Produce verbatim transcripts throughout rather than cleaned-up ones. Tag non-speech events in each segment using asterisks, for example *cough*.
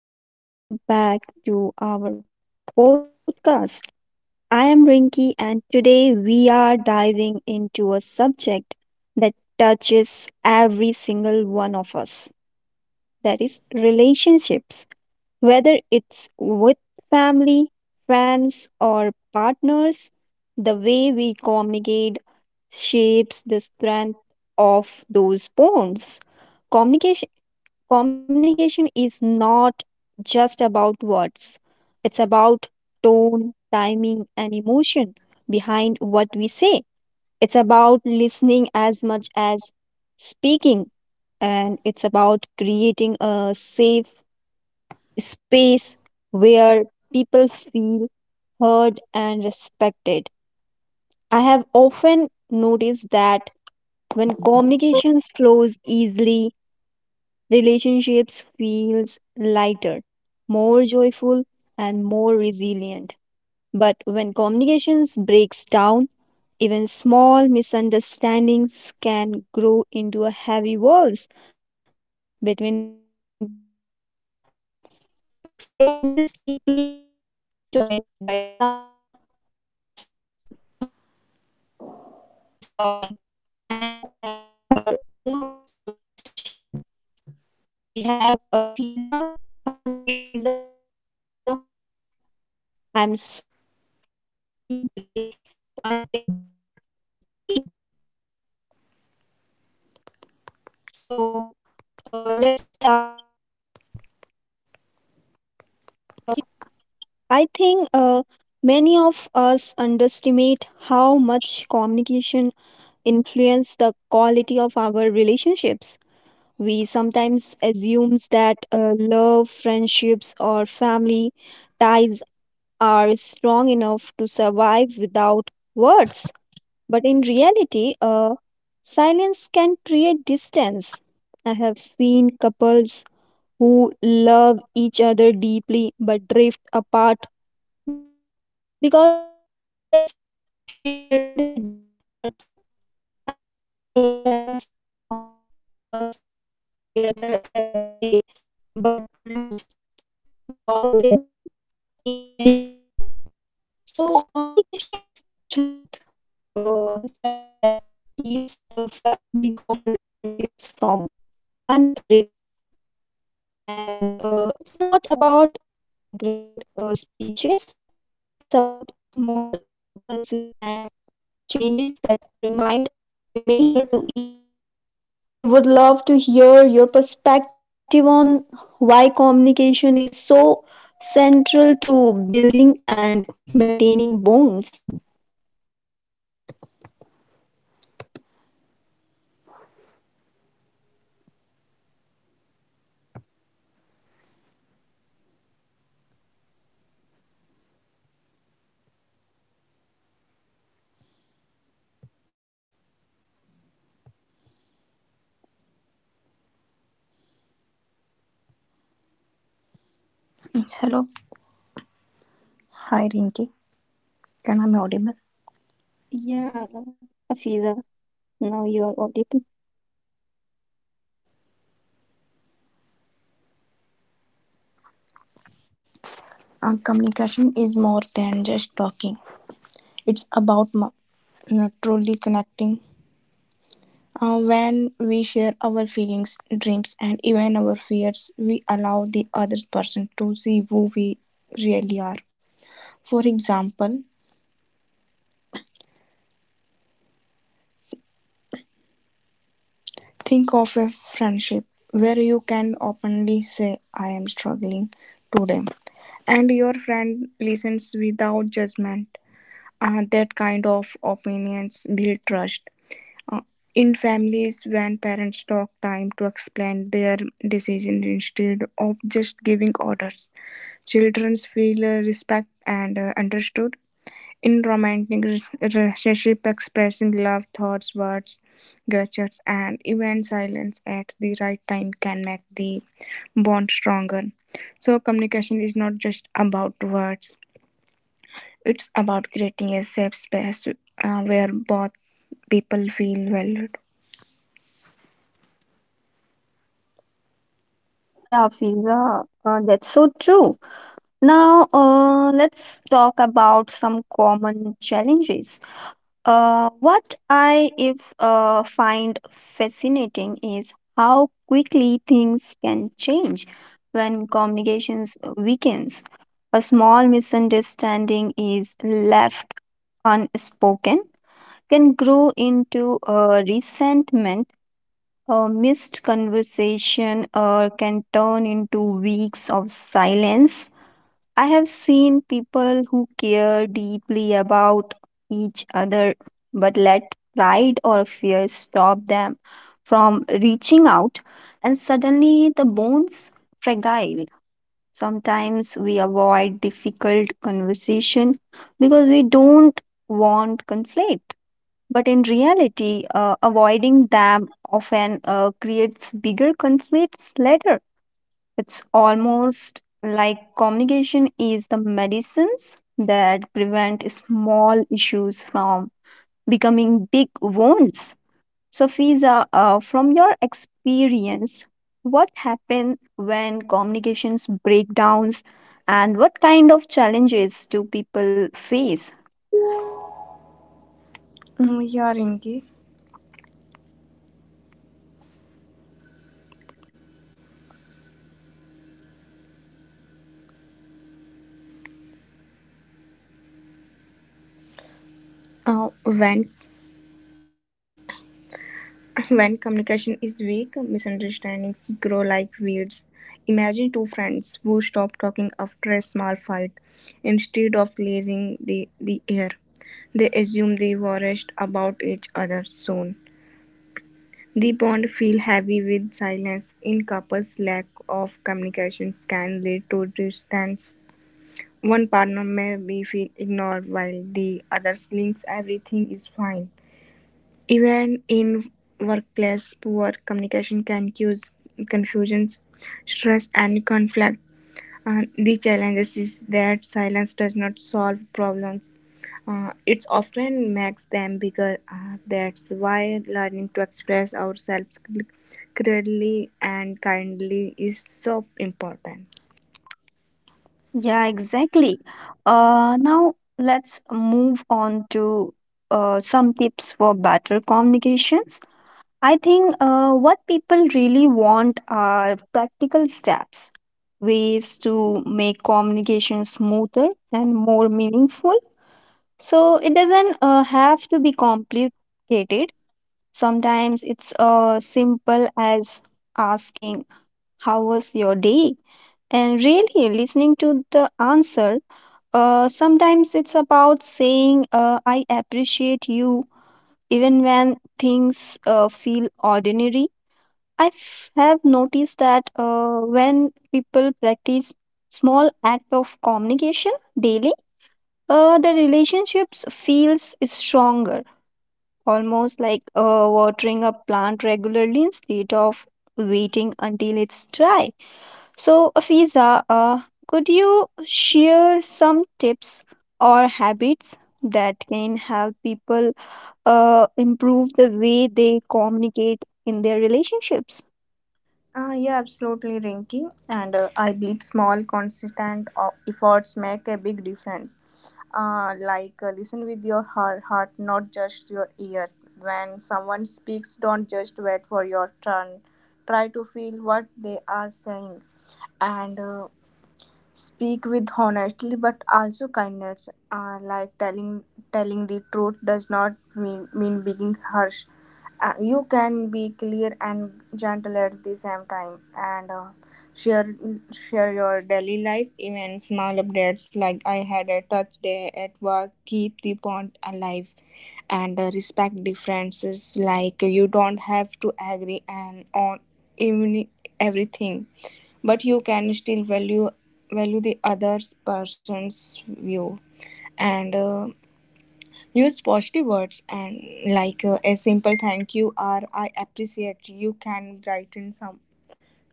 And welcome back to our podcast. I am Rinki, and today we are diving into a subject that touches every single one of us, that is, relationships. Whether it's with family, friends, or partners, the way we communicate shapes the strength of those bonds. Communication Communication is not just about words, it's about tone, timing, and emotion behind what we say. It's about listening as much as speaking, and it's about creating a safe space where people feel heard and respected. I have often noticed that when communication flows easily, relationships feels lighter, more joyful and more resilient. But when communications breaks down, even small misunderstandings can grow into a heavy walls between people. To explore this deeply, I am joined by someone who has thought a lot about this topic and has her own stories to share. So we have Afiza. Hi Afiza, I'm so glad you are here with me today to unpack this important theme. So, uh, let's start. Uh, Safiza, I think uh, many of us underestimate how much communication influences the quality of our relationships. We sometimes assumes that uh, love, friendships, or family ties are strong enough to survive without words. But in reality, uh, silence can create distance. I have seen couples who love each other deeply but drift apart because they stop sharing their daily thoughts. I have seen friends uh, who once laugh together every day but lose touch because they don't check in anymore. So, communication is the strength, a thread that keeps the fabric of relationships from unrevealing. And uh, it's not about grand uh, speeches, it's about small, uh, consistent exchanges that remind. Mm, Hello. Hi, Rinki. Can I be audible? Yeah, Afiza, now you are audible. Uh, communication is more than just talking. It's about mo- uh, truly connecting. Uh, when we share our feelings, dreams, and even our fears, we allow the other person to see who we really are. For example, think of a friendship where you can openly say, I am struggling today, and your friend listens without judgment. Uh, that kind of opinions build trust. Uh, in families when parents talk time to explain their decision instead of just giving orders, children feel uh, respect and uh, understood. In romantic re- relationship, expressing love thoughts, words, gestures, and even silence at the right time can make the bond stronger. So communication is not just about words, it's about creating a safe space uh, where both people feel valued. Yeah, Fiza, uh, that's so true. Now, uh, let's talk about some common challenges. Uh, what I if uh, find fascinating is how quickly things can change when communications weakens. A small misunderstanding is left unspoken can grow into a resentment. A missed conversation uh, can turn into weeks of silence. I have seen people who care deeply about each other but let pride or fear stop them from reaching out, and suddenly the bonds fragile. Sometimes we avoid difficult conversation because we don't want conflict. But in reality, uh, avoiding them often uh, creates bigger conflicts later. It's almost like communication is the medicines that prevent small issues from becoming big wounds. So, Fiza, uh, from your experience, what happens when communications breakdowns and what kind of challenges do people face? Mm, yeah, Rinki. Uh, when *laughs* when communication is weak, misunderstandings grow like weeds. Imagine two friends who stop talking after a small fight. Instead of clearing the, the air, they assume the worst about each other soon. The bond feel heavy with silence. In couples, lack of communications can lead to distance. One partner may be feel ignored while the other thinks everything is fine. Even in workplace, poor communication can cause confusions, stress, and conflict. Uh, the challenge is that silence does not solve problems. Uh, it often makes them bigger. Uh, that's why learning to express ourselves clearly and kindly is so important. Yeah, exactly. Uh, now let's move on to uh, some tips for better communications. I think uh, what people really want are practical steps, ways to make communication smoother and more meaningful. So it doesn't uh, have to be complicated. Sometimes it's uh, simple as asking, how was your day? And really listening to the answer. Uh, sometimes it's about saying, uh, I appreciate you, even when things uh, feel ordinary. I f- have noticed that uh, when people practice small act of communication daily, uh, the relationships feels stronger, almost like uh, watering a plant regularly instead of waiting until it's dry. So, Afiza, uh, could you share some tips or habits that can help people uh, improve the way they communicate in their relationships? Uh, yeah, absolutely, Rinky. And uh, I believe small, consistent o- efforts make a big difference. Uh, like, uh, listen with your heart, heart, not just your ears. When someone speaks, don't just wait for your turn. Try to feel what they are saying. And uh, speak with honesty, but also kindness, uh, like telling telling the truth does not mean mean being harsh. Uh, you can be clear and gentle at the same time, and uh, share share your daily life, even small updates like I had a tough day at work, keep the bond alive. And uh, respect differences, like you don't have to agree and on even everything, but you can still value value the other person's view. And uh, use positive words, and like uh, a simple thank you or I appreciate you can brighten some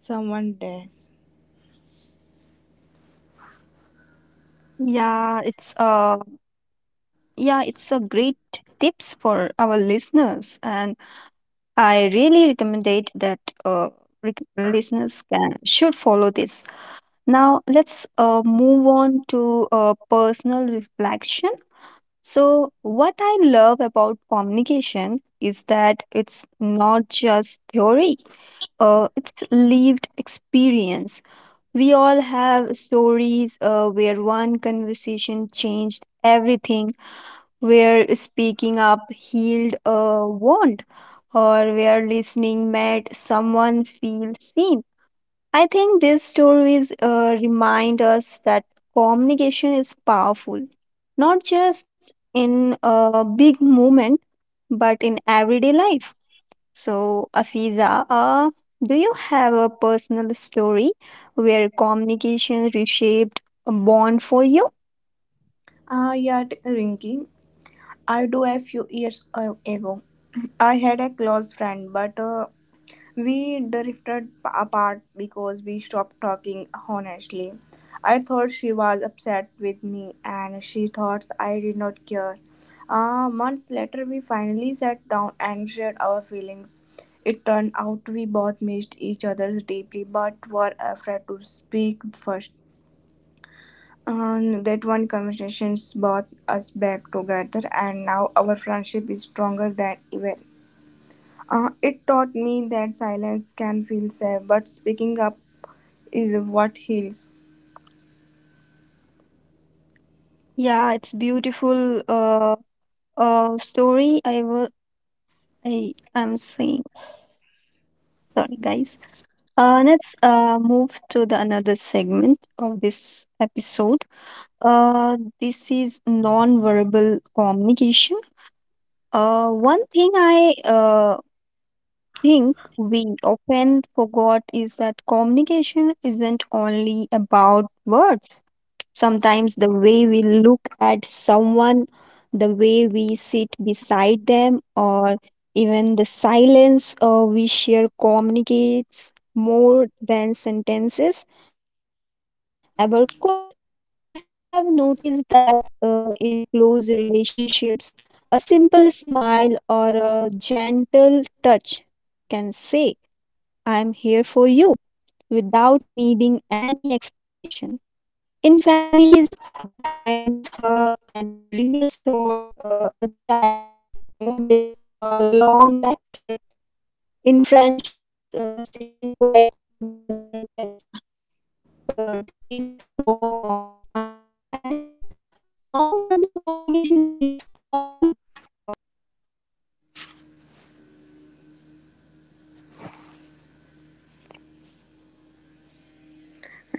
someone day. Yeah, it's uh, yeah, it's a great tips for our listeners, and I really recommend it that uh, rec- listeners can should follow this. Now, let's uh, move on to uh, personal reflection. So, what I love about communication is that it's not just theory, uh, it's lived experience. We all have stories uh, where one conversation changed everything, where speaking up healed a wound, or where listening made someone feel seen. I think these stories uh, remind us that communication is powerful, not just in a big moment, but in everyday life. So, Afiza, uh, do you have a personal story where communication reshaped a bond for you? Ah yeah, Rinky, I do. A few years uh, ago, I had a close friend, but uh, we drifted apart because we stopped talking honestly. I thought she was upset with me and she thought I did not care. Uh, months later, we finally sat down and shared our feelings. It turned out we both missed each other deeply but were afraid to speak first. And that one conversation brought us back together, and now our friendship is stronger than ever. Uh, it taught me that silence can feel safe, but speaking up is what heals. Yeah, it's beautiful uh, uh, story. I will. I am saying sorry, guys. Uh, let's uh, move to the another segment of this episode. Uh, this is non-verbal communication. Uh, one thing I uh, think we often forgot is that communication isn't only about words. Sometimes the way we look at someone, the way we sit beside them, or even the silence uh, we share communicates more than sentences ever could. I have noticed that uh, in close relationships, a simple smile or a gentle touch can say, I am here for you, without needing any explanation. In families, a parent's hug can reassure uh, a child more than a long lecture. In friendships, uh, sitting quietly together can feel like the deepest form of understanding. Nonverbal communication is powerful.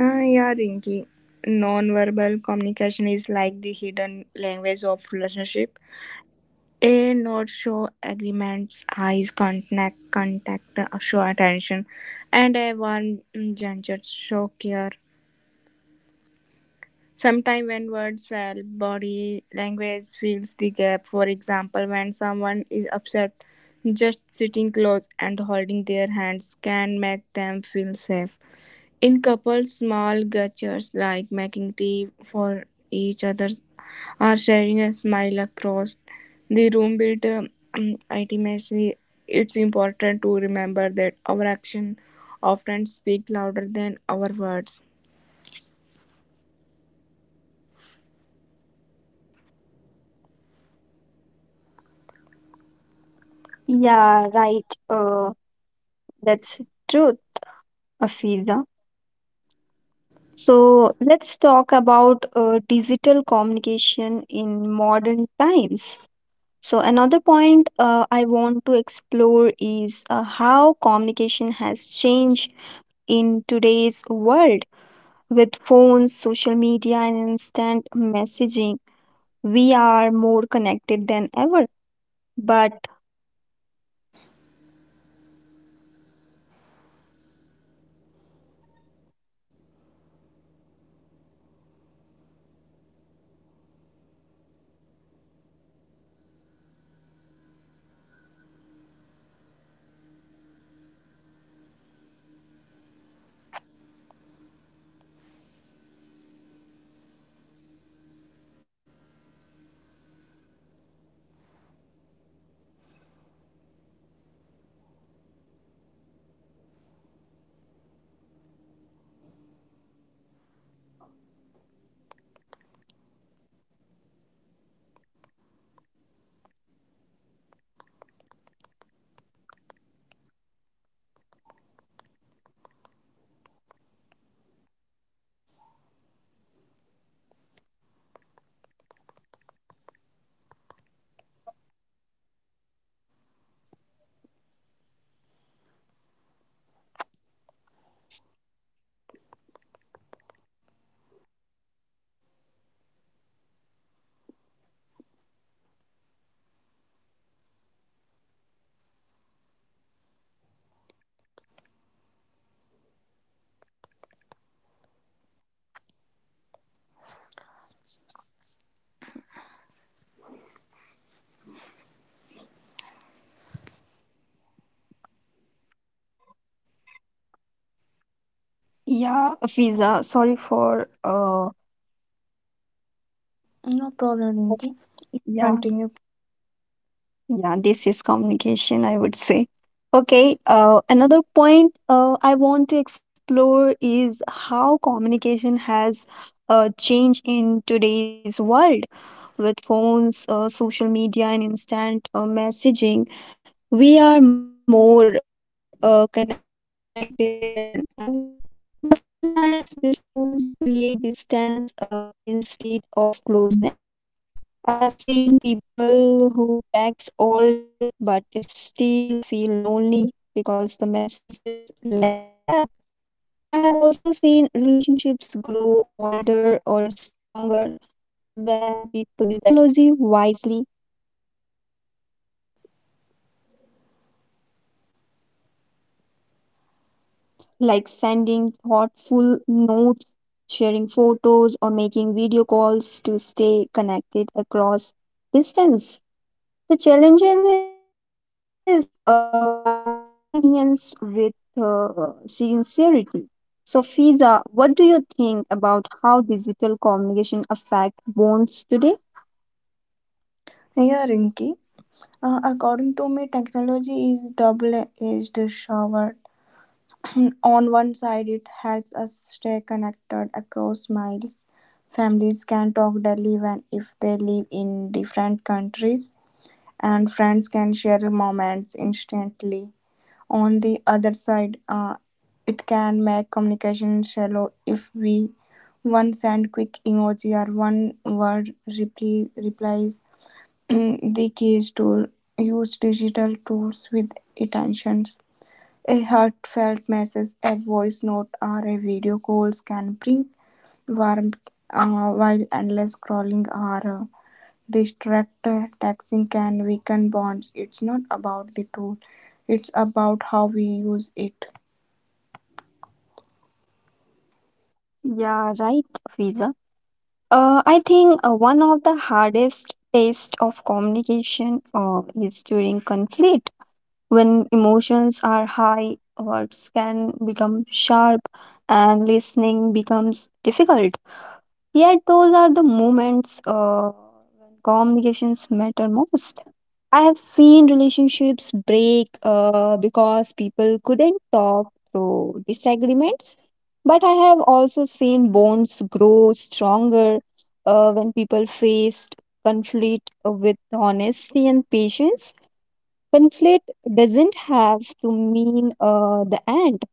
Uh, yeah, Rinky. Non-verbal communication is like the hidden language of relationship. A not show agreements, eyes contact, contact uh, show attention, and a one gesture show care. Sometimes, when words fail, body language fills the gap. For example, when someone is upset, just sitting close and holding their hands can make them feel safe. In couples, small gestures like making tea for each other or sharing a smile across the room build um, intimacy. It's important to remember that our actions often speak louder than our words. Yeah, right. Uh, that's true, Afiza. So let's talk about uh, digital communication in modern times. So another point uh, I want to explore is uh, how communication has changed in today's world with phones, social media, and instant messaging. We are more connected than ever. But yeah, Afiza, sorry for uh, No problem, Rinki. yeah. Continue. Yeah, this is communication, I would say. Okay, uh, another point uh, I want to explore is how communication has uh, changed in today's world with phones, uh, social media, and instant uh, messaging. We are more uh, connected than ever. But sometimes these tools create distance uh, instead of closeness. I have seen people who text all day but still feel lonely because the messages lack depth. I have also seen relationships grow older or stronger when people use technology wisely, like sending thoughtful notes, sharing photos, or making video calls to stay connected across distance. The challenges is uh, balancing convenience with uh, sincerity. So, Fiza, what do you think about how digital communication affect bonds today? Yeah, Rinki. Uh, according to me, technology is double-edged sword. *clears throat* On one side, it helps us stay connected across miles. Families can talk daily even if they live in different countries, and friends can share moments instantly. On the other side, uh, it can make communication shallow if we one send quick emoji or one word reply replies. Mm, The key is to use digital tools with intentions. A heartfelt message, a voice note, or a video calls can bring warmth, uh, while endless scrolling or uh, distract uh, texting can weaken bonds. It's not about the tool; it's about how we use it. Yeah, right, Fiza. Uh, I think uh, one of the hardest test of communication uh, is during conflict. When emotions are high, words can become sharp and listening becomes difficult. Yet those are the moments uh, when communications matter most. I have seen relationships break uh, because people couldn't talk through disagreements, have also seen bonds grow stronger uh, when people faced conflict with honesty and patience. Conflict doesn't have to mean uh, the end,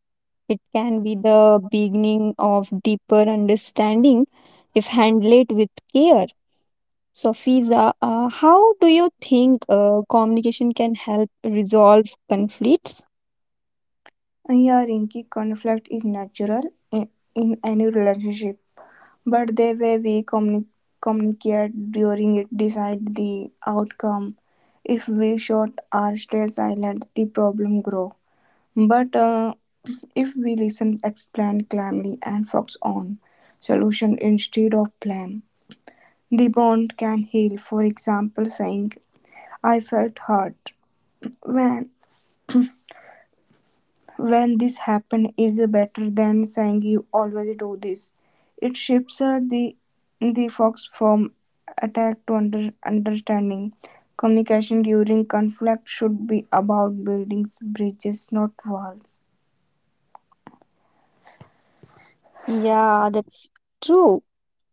it can be the beginning of deeper understanding if handled with care. So, Fiza, uh, how do you think uh, communication can help resolve conflicts? Yeah, Rinky, conflict is natural in in any relationship. But the way we communi- communicate during it decide the outcome. If we shout or stay silent, the problem grow. But uh, if we listen, explain calmly, and focus on solution instead of blame, the bond can heal. For example, saying, "I felt hurt when when this happened," is better than saying you always do this. It shifts uh, the the fox from attack to under, understanding. Communication during conflict should be about building bridges, not walls. Yeah, that's true.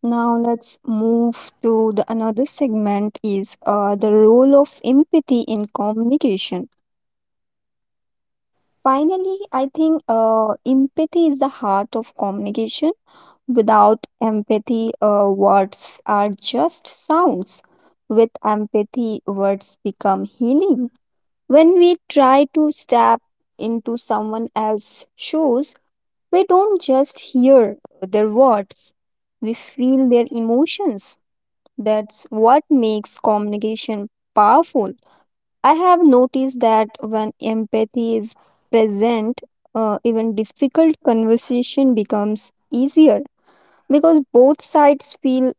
Now let's move to the another segment is uh, the role of empathy in communication. Finally, I think uh, empathy is the heart of communication. Without empathy, uh, words are just sounds. With empathy, words become healing. When we try to step into someone else's shoes, we don't just hear their words, we feel their emotions. That's what makes communication powerful. I have noticed that when empathy is present, uh, even difficult conversation becomes easier because both sides feel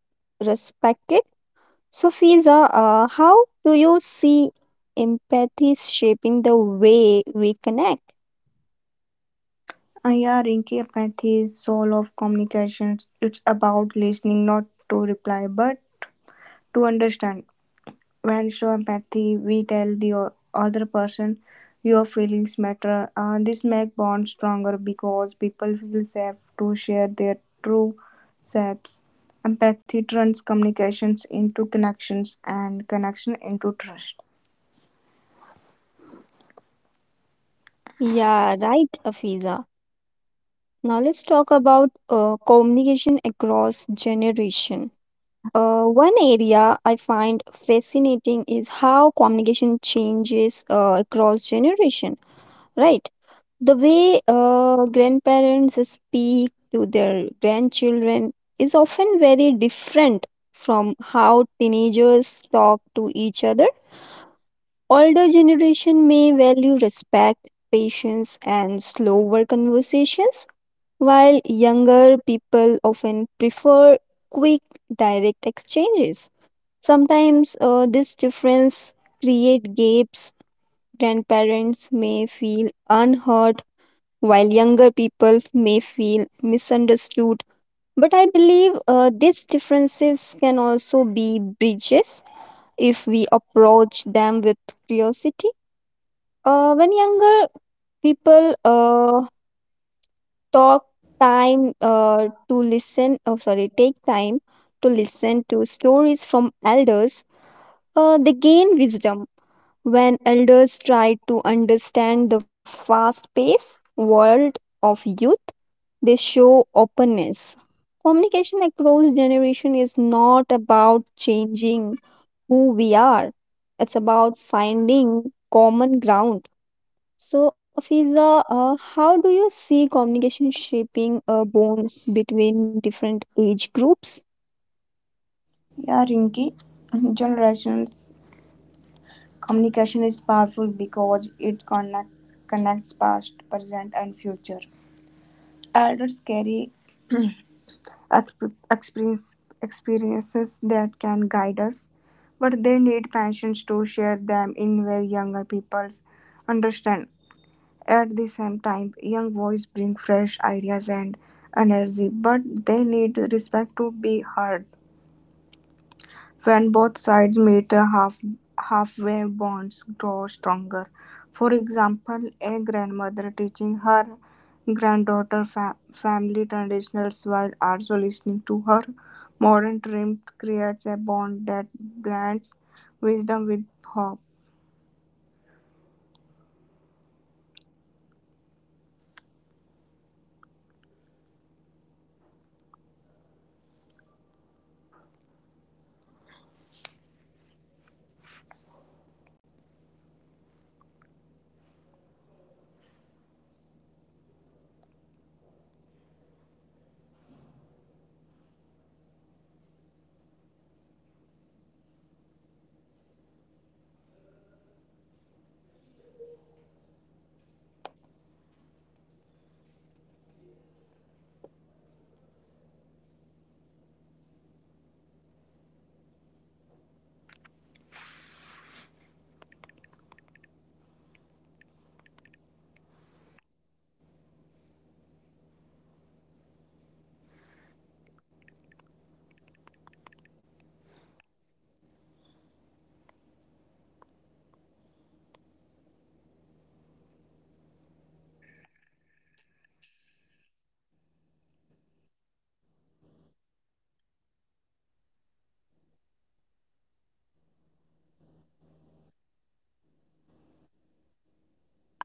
respected. So, Fiza, uh, how do you see empathy shaping the way we connect? Uh, yeah, Rinki, empathy is soul of communication. It's about listening, not to reply, but to understand. When show empathy, we tell the o- other person your feelings matter. Uh, this make bonds stronger because people feel safe to share their true selves. Empathy turns communications into connections and connection into trust. Yeah, right, Afiza. Now let's talk about uh, communication across generation. Uh, one area I find fascinating is how communication changes uh, across generation, right? The way uh, grandparents speak to their grandchildren is often very different from how teenagers talk to each other. Older generation may value respect, patience, and slower conversations, while younger people often prefer quick, direct exchanges. Sometimes uh, this difference create gaps. Grandparents may feel unheard while younger people may feel misunderstood. But I believe uh, these differences can also be bridges if we approach them with curiosity. Uh, when younger people uh, talk time uh, to listen, oh sorry, take time to listen to stories from elders, uh, they gain wisdom. When elders try to understand the fast paced world of youth, they show openness. Communication across generation is not about changing who we are. It's about finding common ground. So, Fiza, uh, how do you see communication shaping uh, bonds between different age groups? Yeah, Rinki, generations communication is powerful because it connect, connects past, present, and future. Elders carry exp- experience, experiences that can guide us, but they need patience to share them in where younger people understand. At the same time, young boys bring fresh ideas and energy, but they need respect to be heard. When both sides meet, uh, half halfway bonds grow stronger. For example, a grandmother teaching her granddaughter fa- family traditions while also listening to her modern dreams creates a bond that blends wisdom with hope.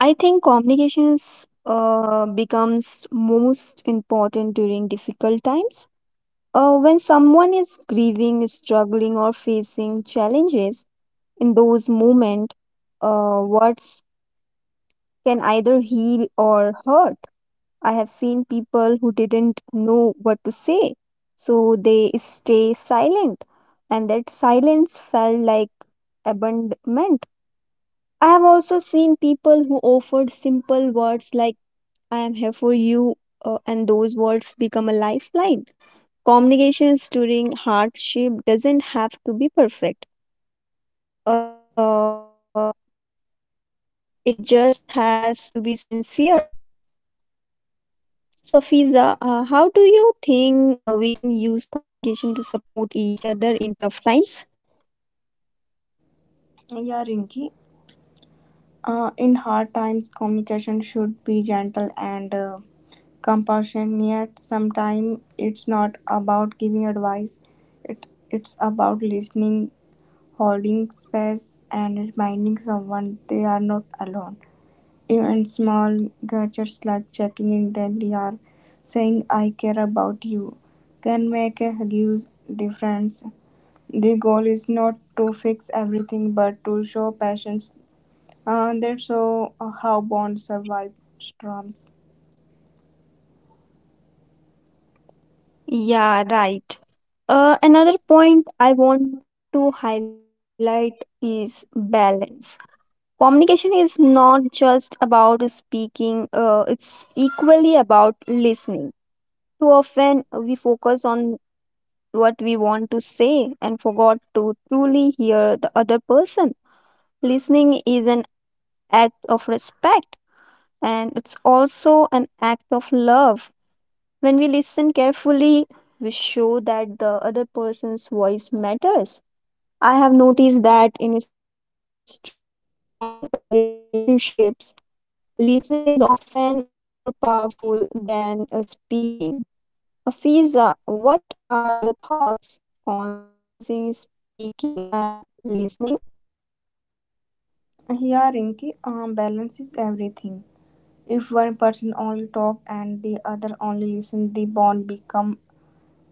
I think communications uh, becomes most important during difficult times. Uh, when someone is grieving, struggling, or facing challenges, in those moments, uh, words can either heal or hurt. I have seen people who didn't know what to say, so they stay silent, and that silence felt like abandonment. I have also seen people who offered simple words like, I am here for you, uh, and those words become a lifeline. Communications during hardship doesn't have to be perfect, uh, it just has to be sincere. So Fiza, uh, how do you think uh, we can use communication to support each other in tough times? Yeah, Rinki. Uh, in hard times, communication should be gentle and uh, compassionate. Sometimes it's not about giving advice, it, it's about listening, holding space, and reminding someone they are not alone. Even small gestures like checking in daily or saying, I care about you, can make a huge difference. The goal is not to fix everything but to show patience. Uh, that's so, uh, how Bond survived storms. Yeah, right. Uh, another point I want to highlight is balance. Communication is not just about speaking, uh, it's equally about listening too. We focus on what we want to say and forgot to truly hear the other person. Listening is an act of respect and it's also an act of love. When we listen carefully, we show that other person's voice matters. I have noticed that in strong relationships, listening is often more powerful than uh, speaking. Afiza, what are your thoughts on balancing speaking and listening? Here, Rinki, uh, balance is everything. If one person only talk and the other only listen, the bond become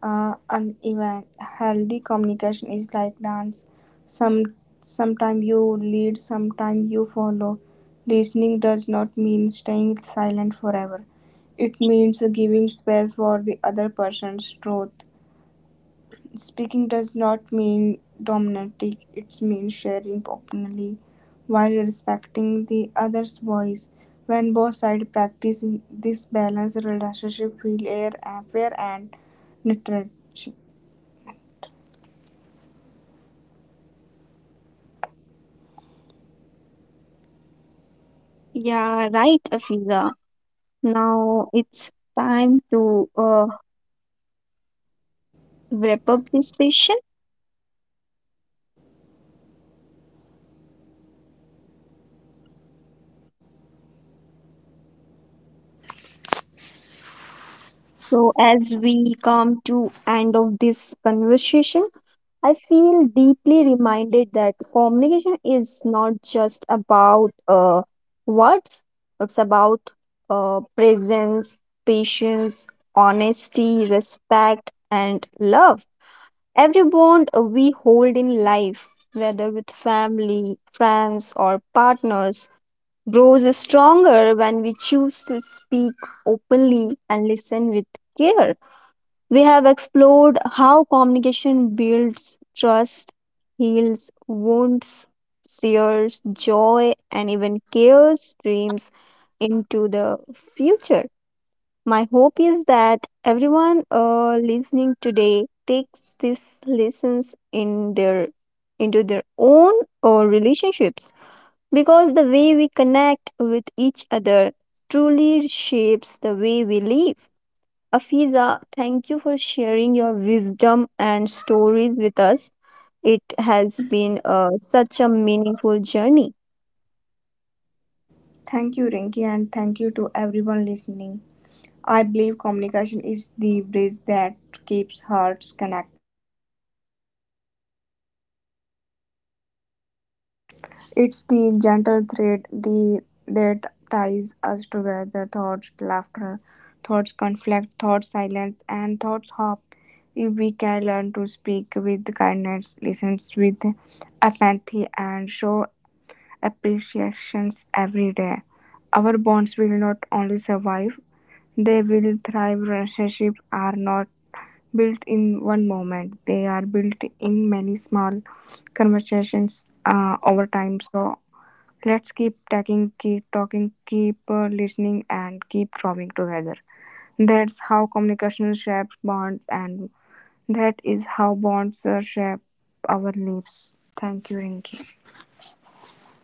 uh, uneven. Healthy communication is like dance. Some Sometime you lead, sometime you follow. Listening does not mean staying silent forever. It means giving space for the other person's truth. Speaking does not mean dominating, it means sharing openly while respecting the other's voice. When both sides practice this balance, relationship will air and fair and nurturing. Yeah, right, Afiza. Now it's time to uh, wrap up this session. So as we come to end of this conversation, I feel deeply reminded that communication is not just about uh, words. It's about uh, presence, patience, honesty, respect, and love. Every bond we hold in life, whether with family, friends, or partners, grows stronger when we choose to speak openly and listen with care. We have explored how communication builds trust, heals wounds, shares joy, and even cares dreams into the future. My hope is that everyone uh, listening today takes these lessons in their into their own uh, relationships because the way we connect with each other truly shapes the way we live. Afiza, thank you for sharing your wisdom and stories with us. It has been uh, such a meaningful journey. Thank you, Rinki, and thank you to everyone listening. It's the gentle thread the, that ties us together thoughts, laughter, thoughts, conflict, thoughts, silence, and thoughts, hope. If we can learn to speak with kindness, listen with empathy, and show appreciations every day, our bonds will not only survive, they will thrive. Relationships are not built in one moment, they are built in many small conversations uh, over time. So, Let's keep tagging, keep talking, keep uh, listening, and keep growing together. That's how communication shapes bonds, and that is how bonds uh, shape our lives. Thank you, Rinki.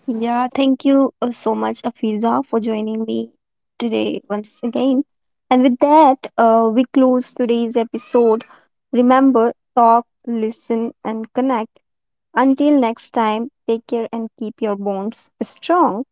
Yeah, thank you uh, so much, Afiza, for joining me today once again. And with that, uh, we close today's episode. Remember, talk, listen, and connect. Until next time, take care and keep your bones strong.